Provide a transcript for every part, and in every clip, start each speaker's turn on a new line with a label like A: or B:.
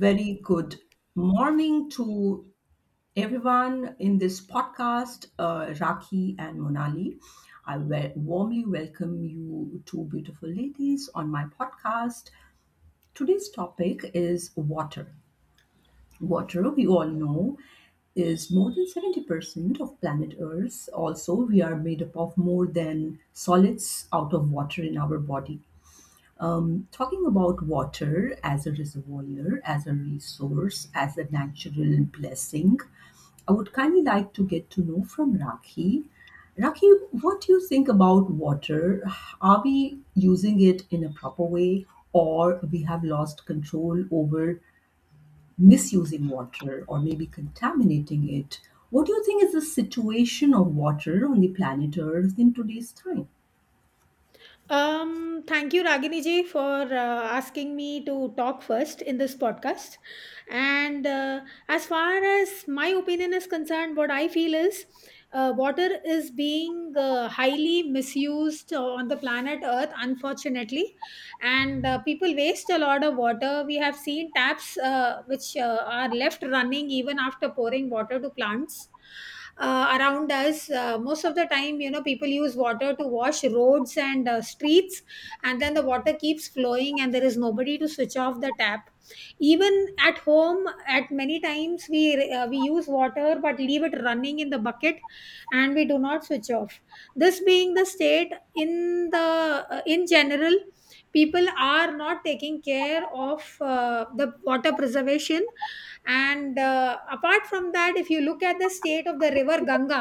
A: Very good morning to everyone in this podcast, Raki and Monali. Warmly welcome you, two beautiful ladies, on my podcast. Today's topic is water. Water, we all know, is more than 70% of planet Earth. Also, we are made up of more than solids out of water in our body. Talking about water as a reservoir, as a resource, as a natural blessing, I would kindly like to get to know from Rakhi. Rakhi, what do you think about water? Are we using it in a proper way, or we have lost control over misusing water or maybe contaminating it? What do you think is the situation of water on the planet Earth in today's time?
B: Thank you, Ragini ji, for asking me to talk first in this podcast. And As far as my opinion is concerned, what I feel is water is being highly misused on the planet Earth, unfortunately, and people waste a lot of water. We have seen taps which are left running even after pouring water to plants around us. Most of the time, you know, people use water to wash roads and streets, and then the water keeps flowing and there is nobody to switch off the tap. Even at home, at many times we use water but leave it running in the bucket and we do not switch off. This being the state in the in general, people are not taking care of the water preservation. And apart from that, if you look at the state of the river ganga,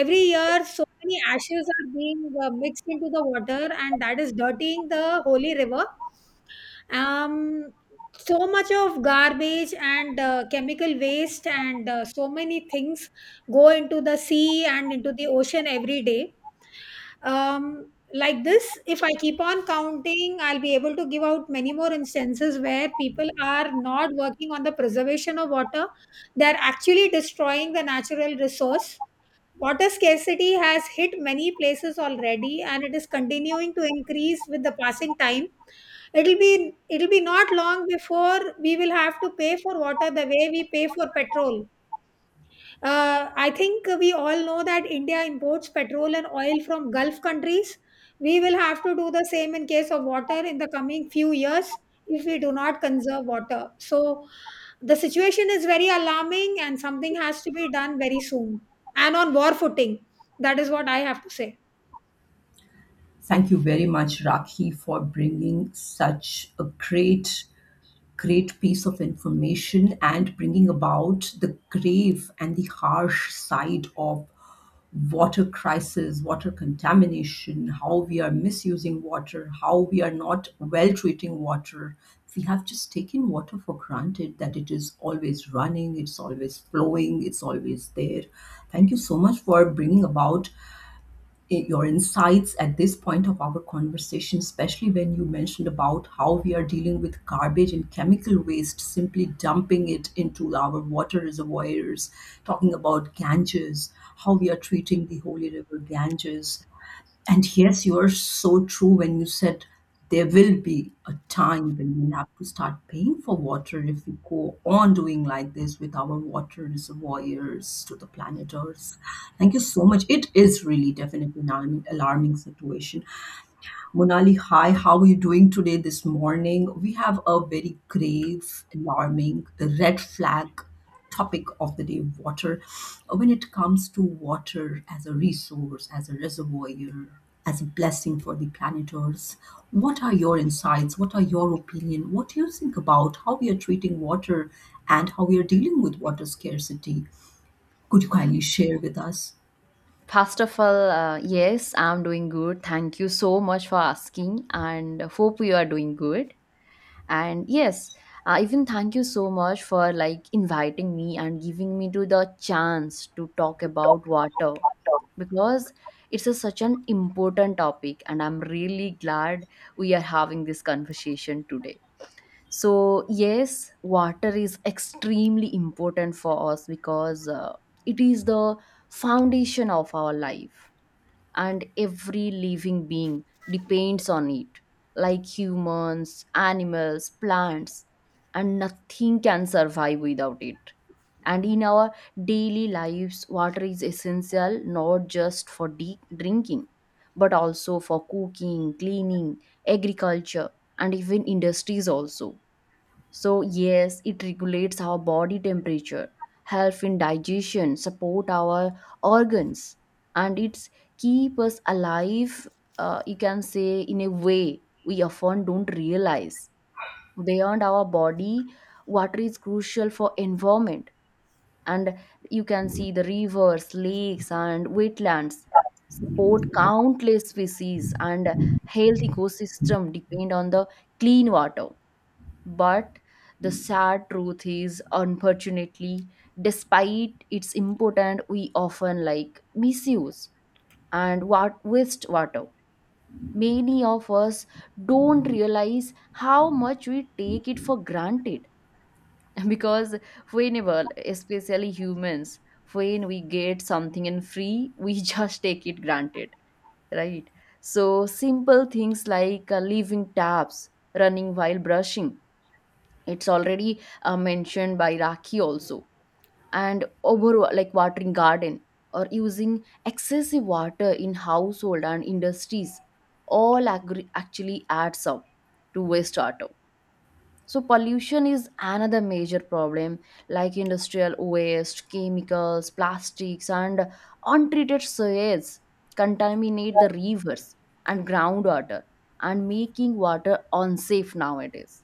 B: every year so many ashes are being mixed into the water and that is dirtying the holy river. um so much of garbage and chemical waste and so many things go into the sea and into the ocean every day. Like this, if I keep on counting, I'll be able to give out many more instances where people are not working on the preservation of water. They're actually destroying the natural resource. Water scarcity has hit many places already and it is continuing to increase with the passing time. It'll be not long before we will have to pay for water the way we pay for petrol. I think we all know that India imports petrol and oil from Gulf countries. We will have to do the same in case of water in the coming few years if we do not conserve water. So the situation is very alarming and something has to be done very soon and on war footing. That is what I have to say.
A: Thank you very much, Rakhi, for bringing such a great, great piece of information and bringing about the grave and the harsh side of water crisis, water contamination, how we are misusing water, how we are not well treating water. We have just taken water for granted that it is always running, it's always flowing, it's always there. Thank you so much for bringing about your insights at this point of our conversation, especially when you mentioned about how we are dealing with garbage and chemical waste, simply dumping it into our water reservoirs, talking about Ganges, how we are treating the Holy River Ganges, and yes, you're so true when you said there will be a time when we'll have to start paying for water if we go on doing like this with our water reservoirs to the planet Earth. Thank you so much. It is really definitely an alarming alarming situation. Monali, hi, how are you doing today this morning? We have a very grave, alarming, red flag topic of the day, water. When it comes to water as a resource, as a reservoir, as a blessing for the planet Earth, what are your insights? What are your opinion? What do you think about how we are treating water and how we are dealing with water scarcity? Could you kindly share with us?
C: First of all, yes, I'm doing good. Thank you so much for asking and hope you are doing good. And yes, even thank you so much for like inviting me and giving me to the chance to talk about water because it's a, such an important topic and I'm really glad we are having this conversation today. So, yes, water is extremely important for us because it is the foundation of our life and every living being depends on it, like humans, animals, plants, and nothing can survive without it. And in our daily lives, water is essential not just for drinking, but also for cooking, cleaning, agriculture, and even industries also. So, yes, it regulates our body temperature, help in digestion, support our organs, and it's keep us alive. You can say in a way we often don't realize. Beyond our body, water is crucial for environment, and you can see the rivers, lakes, and wetlands support countless species, and health ecosystem depend on the clean water. But the sad truth is, unfortunately, despite its importance, we often like misuse and what waste water. Many of us don't realize how much we take it for granted because whenever, especially humans, when we get something in free, we just take it granted, right? So simple things like leaving taps running while brushing, it's already mentioned by Raki also, and over like watering garden or using excessive water in household and industries all actually adds up to wastewater. So pollution is another major problem, like industrial waste, chemicals, plastics, and untreated sewage contaminate the rivers and groundwater and making water unsafe nowadays.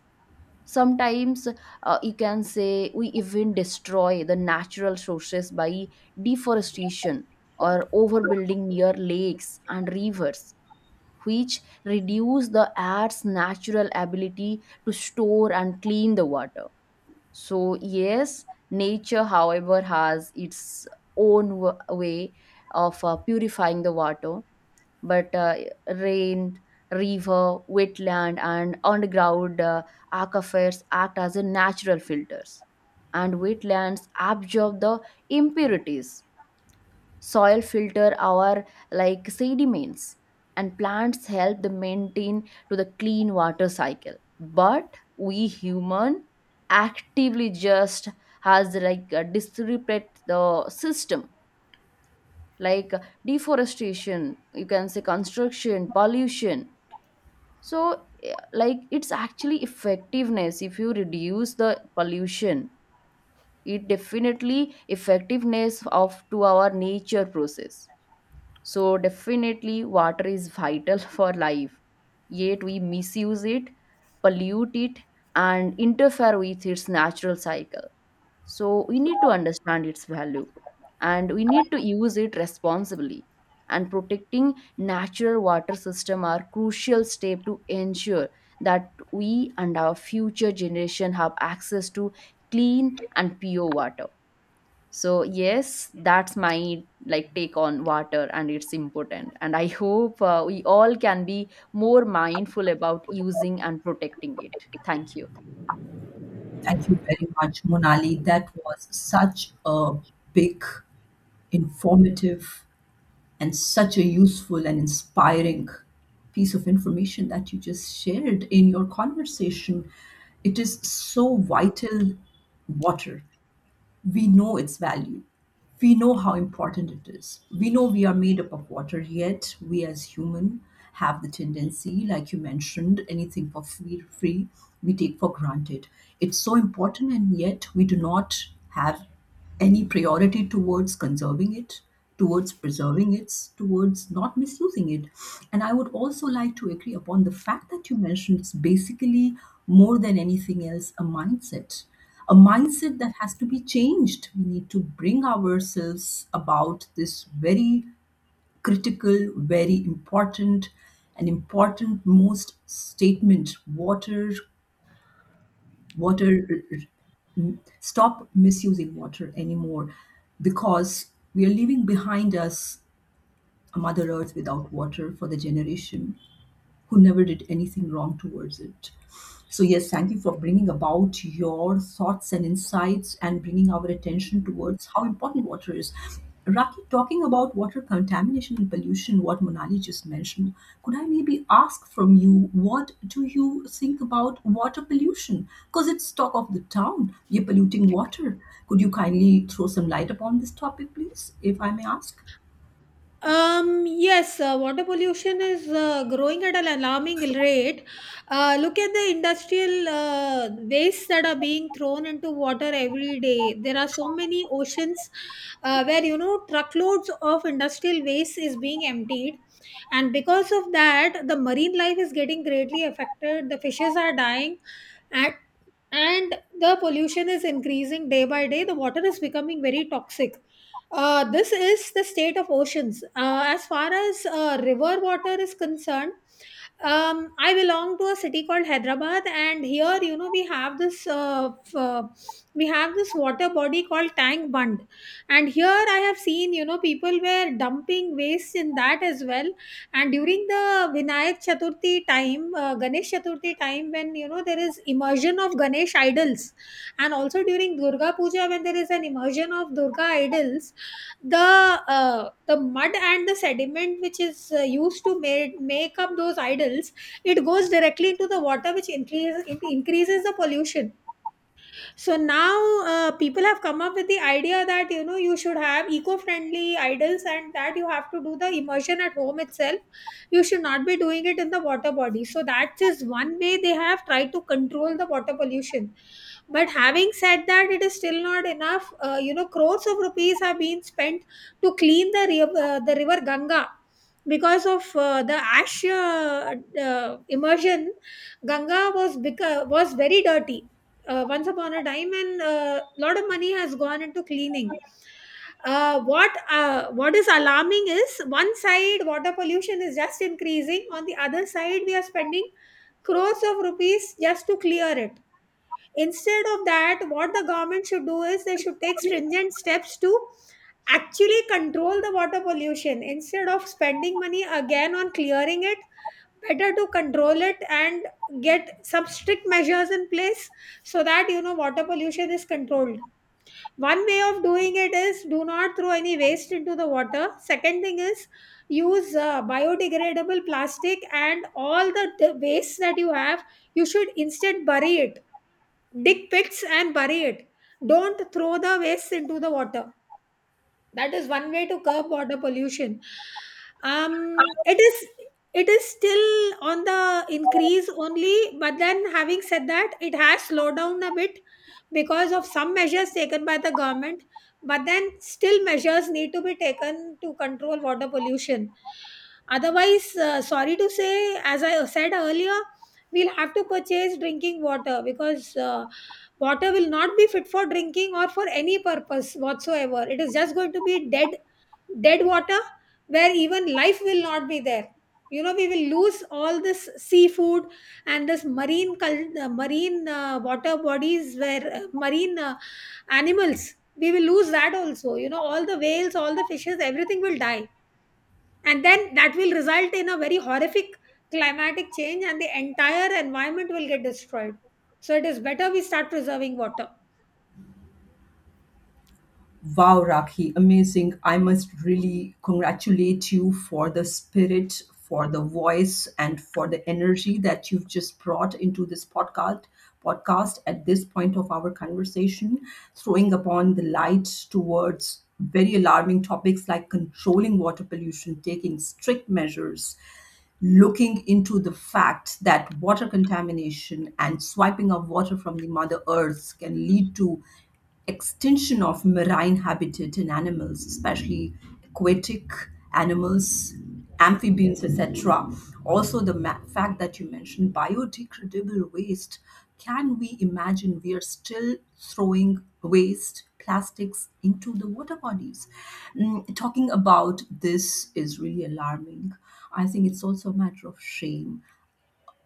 C: Sometimes you can say we even destroy the natural sources by deforestation or overbuilding near lakes and rivers, which reduce the earth's natural ability to store and clean the water. So yes, nature however has its own way of purifying the water. But rain, river, wetland, and underground aquifers act as a natural filters, and wetlands absorb the impurities. Soil filter our like sediments, and plants help the maintain to the clean water cycle. But we human actively just has like disrupt the system, like deforestation, you can say construction, pollution. So like it's actually effectiveness if you reduce the pollution, it definitely effectiveness of to our nature process. So definitely water is vital for life, yet we misuse it, pollute it, and interfere with its natural cycle. So we need to understand its value and we need to use it responsibly. And protecting natural water system are crucial step to ensure that we and our future generation have access to clean and pure water. So yes, that's my like take on water and it's important. And I hope we all can be more mindful about using and protecting it. Thank you.
A: Thank you very much, Monali. That was such a big, informative, and such a useful and inspiring piece of information that you just shared in your conversation. It is so vital, water. We know its value. We know how important it is. We know we are made up of water, yet we as human have the tendency, like you mentioned, anything for free, free we take for granted. It's so important, and yet we do not have any priority towards conserving it, towards preserving it, towards not misusing it. And I would also like to agree upon the fact that you mentioned it's basically more than anything else a mindset, a mindset that has to be changed. We need to bring ourselves about this very critical, very important, and important most statement: water, water. Stop misusing water anymore, because we are leaving behind us a Mother Earth without water for the generation who never did anything wrong towards it. So, yes, thank you for bringing about your thoughts and insights and bringing our attention towards how important water is. Raki, talking about water contamination and pollution, what Monali just mentioned, could I maybe ask from you, what do you think about water pollution? Because it's talk of the town, you're polluting water. Could you kindly throw some light upon this topic, please, if I may ask?
B: Yes, water pollution is growing at an alarming rate. Look at the industrial wastes that are being thrown into water every day. There are so many oceans where, you know, truckloads of industrial waste is being emptied. And because of that, the marine life is getting greatly affected. The fishes are dying. And and the pollution is increasing day by day. The water is becoming very toxic. This is the state of oceans. As far as river water is concerned, I belong to a city called hyderabad, and here, you know, we have this we have this water body called tank bund, and here I have seen, you know, people were dumping waste in that as well. And during the Vinayak Chaturthi time, Ganesh Chaturthi time, when, you know, there is immersion of Ganesh idols, and also during Durga Puja, when there is an immersion of Durga idols, the mud and the sediment which is used to make up those idols, it goes directly into the water, which increases the pollution. So now people have come up with the idea that, you know, you should have eco-friendly idols and that you have to do the immersion at home itself. You should not be doing it in the water body. So that is one way they have tried to control the water pollution. But having said that, it is still not enough. You know, crores of rupees have been spent to clean the river Ganga. Because of the ash immersion, Ganga was very dirty once upon a time, and a lot of money has gone into cleaning. What what is alarming is, one side water pollution is just increasing, on the other side we are spending crores of rupees just to clear it. Instead of that, what the government should do is they should take stringent steps to actually control the water pollution instead of spending money again on clearing it. Better to control it and get some strict measures in place so that, you know, water pollution is controlled. One way of doing it is, do not throw any waste into the water. Second thing is, use biodegradable plastic, and all the waste that you have, you should instead bury it, dig pits and bury it. Don't throw the waste into the water. That is one way to curb water pollution. um it is, it is still on the increase only. But then, having said that, it has slowed down a bit because of some measures taken by the government. But then still measures need to be taken to control water pollution. Otherwise, sorry to say, as I said earlier, we'll have to purchase drinking water, because water will not be fit for drinking or for any purpose whatsoever. It is just going to be dead, dead water, where even life will not be there. You know, we will lose all this seafood and this marine water bodies where marine animals, we will lose that also. You know, all the whales, all the fishes, everything will die, and then that will result in a very horrific climatic change and the entire environment will get destroyed. So it is better we start preserving water.
A: Wow, Rakhi, amazing. I must really congratulate you for the spirit, for the voice, and for the energy that you've just brought into this podcast at this point of our conversation, throwing upon the light towards very alarming topics like controlling water pollution, taking strict measures, looking into the fact that water contamination and swiping of water from the mother earth can lead to extinction of marine habitat in animals, especially aquatic animals, amphibians, etc. Also, fact that you mentioned biodegradable waste, can we imagine we are still throwing waste plastics into the water bodies? Mm, talking about this is really alarming. I think it's also a matter of shame,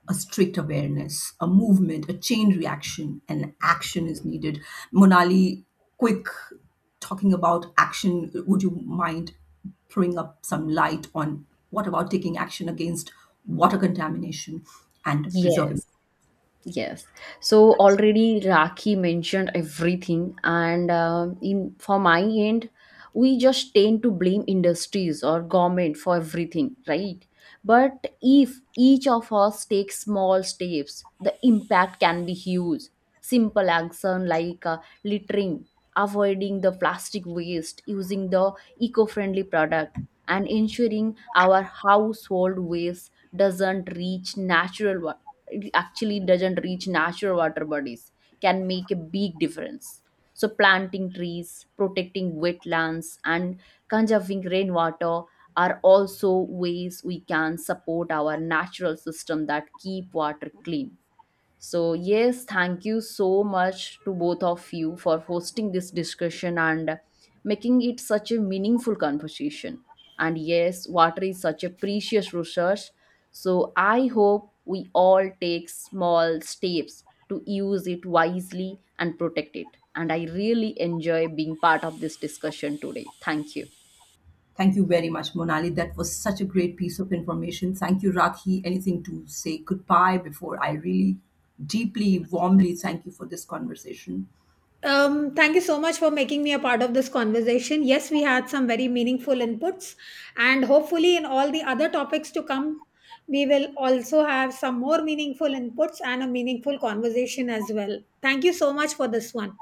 A: a strict awareness, a movement, a chain reaction, and action is needed. Monali, quick, talking about action, would you mind throwing up some light on what about taking action against water contamination and preserving?
C: Yes. Yes. So already Rakhi mentioned everything, and in for my end, we just tend to blame industries or government for everything, right? But if each of us takes small steps, the impact can be huge. Simple action like littering, avoiding the plastic waste, using the eco-friendly product, and ensuring our household waste doesn't reach natural, it actually doesn't reach natural water bodies, can make a big difference. So, planting trees, protecting wetlands, and conserving rainwater are also ways we can support our natural system that keep water clean. So, yes, thank you so much to both of you for hosting this discussion and making it such a meaningful conversation. And yes, water is such a precious resource. So, I hope we all take small steps to use it wisely and protect it. And I really enjoy being part of this discussion today. Thank you.
A: Thank you very much, Monali. That was such a great piece of information. Thank you, Rakhi. Anything to say goodbye before I really deeply, warmly thank you for this conversation?
B: Thank you so much for making me a part of this conversation. Yes, we had some very meaningful inputs, and hopefully, in all the other topics to come, we will also have some more meaningful inputs and a meaningful conversation as well. Thank you so much for this one.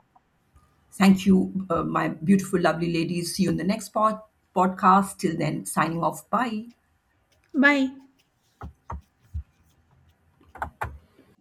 A: Thank you, my beautiful, lovely ladies. See you in the next podcast. Till then, signing off. Bye.
B: Bye.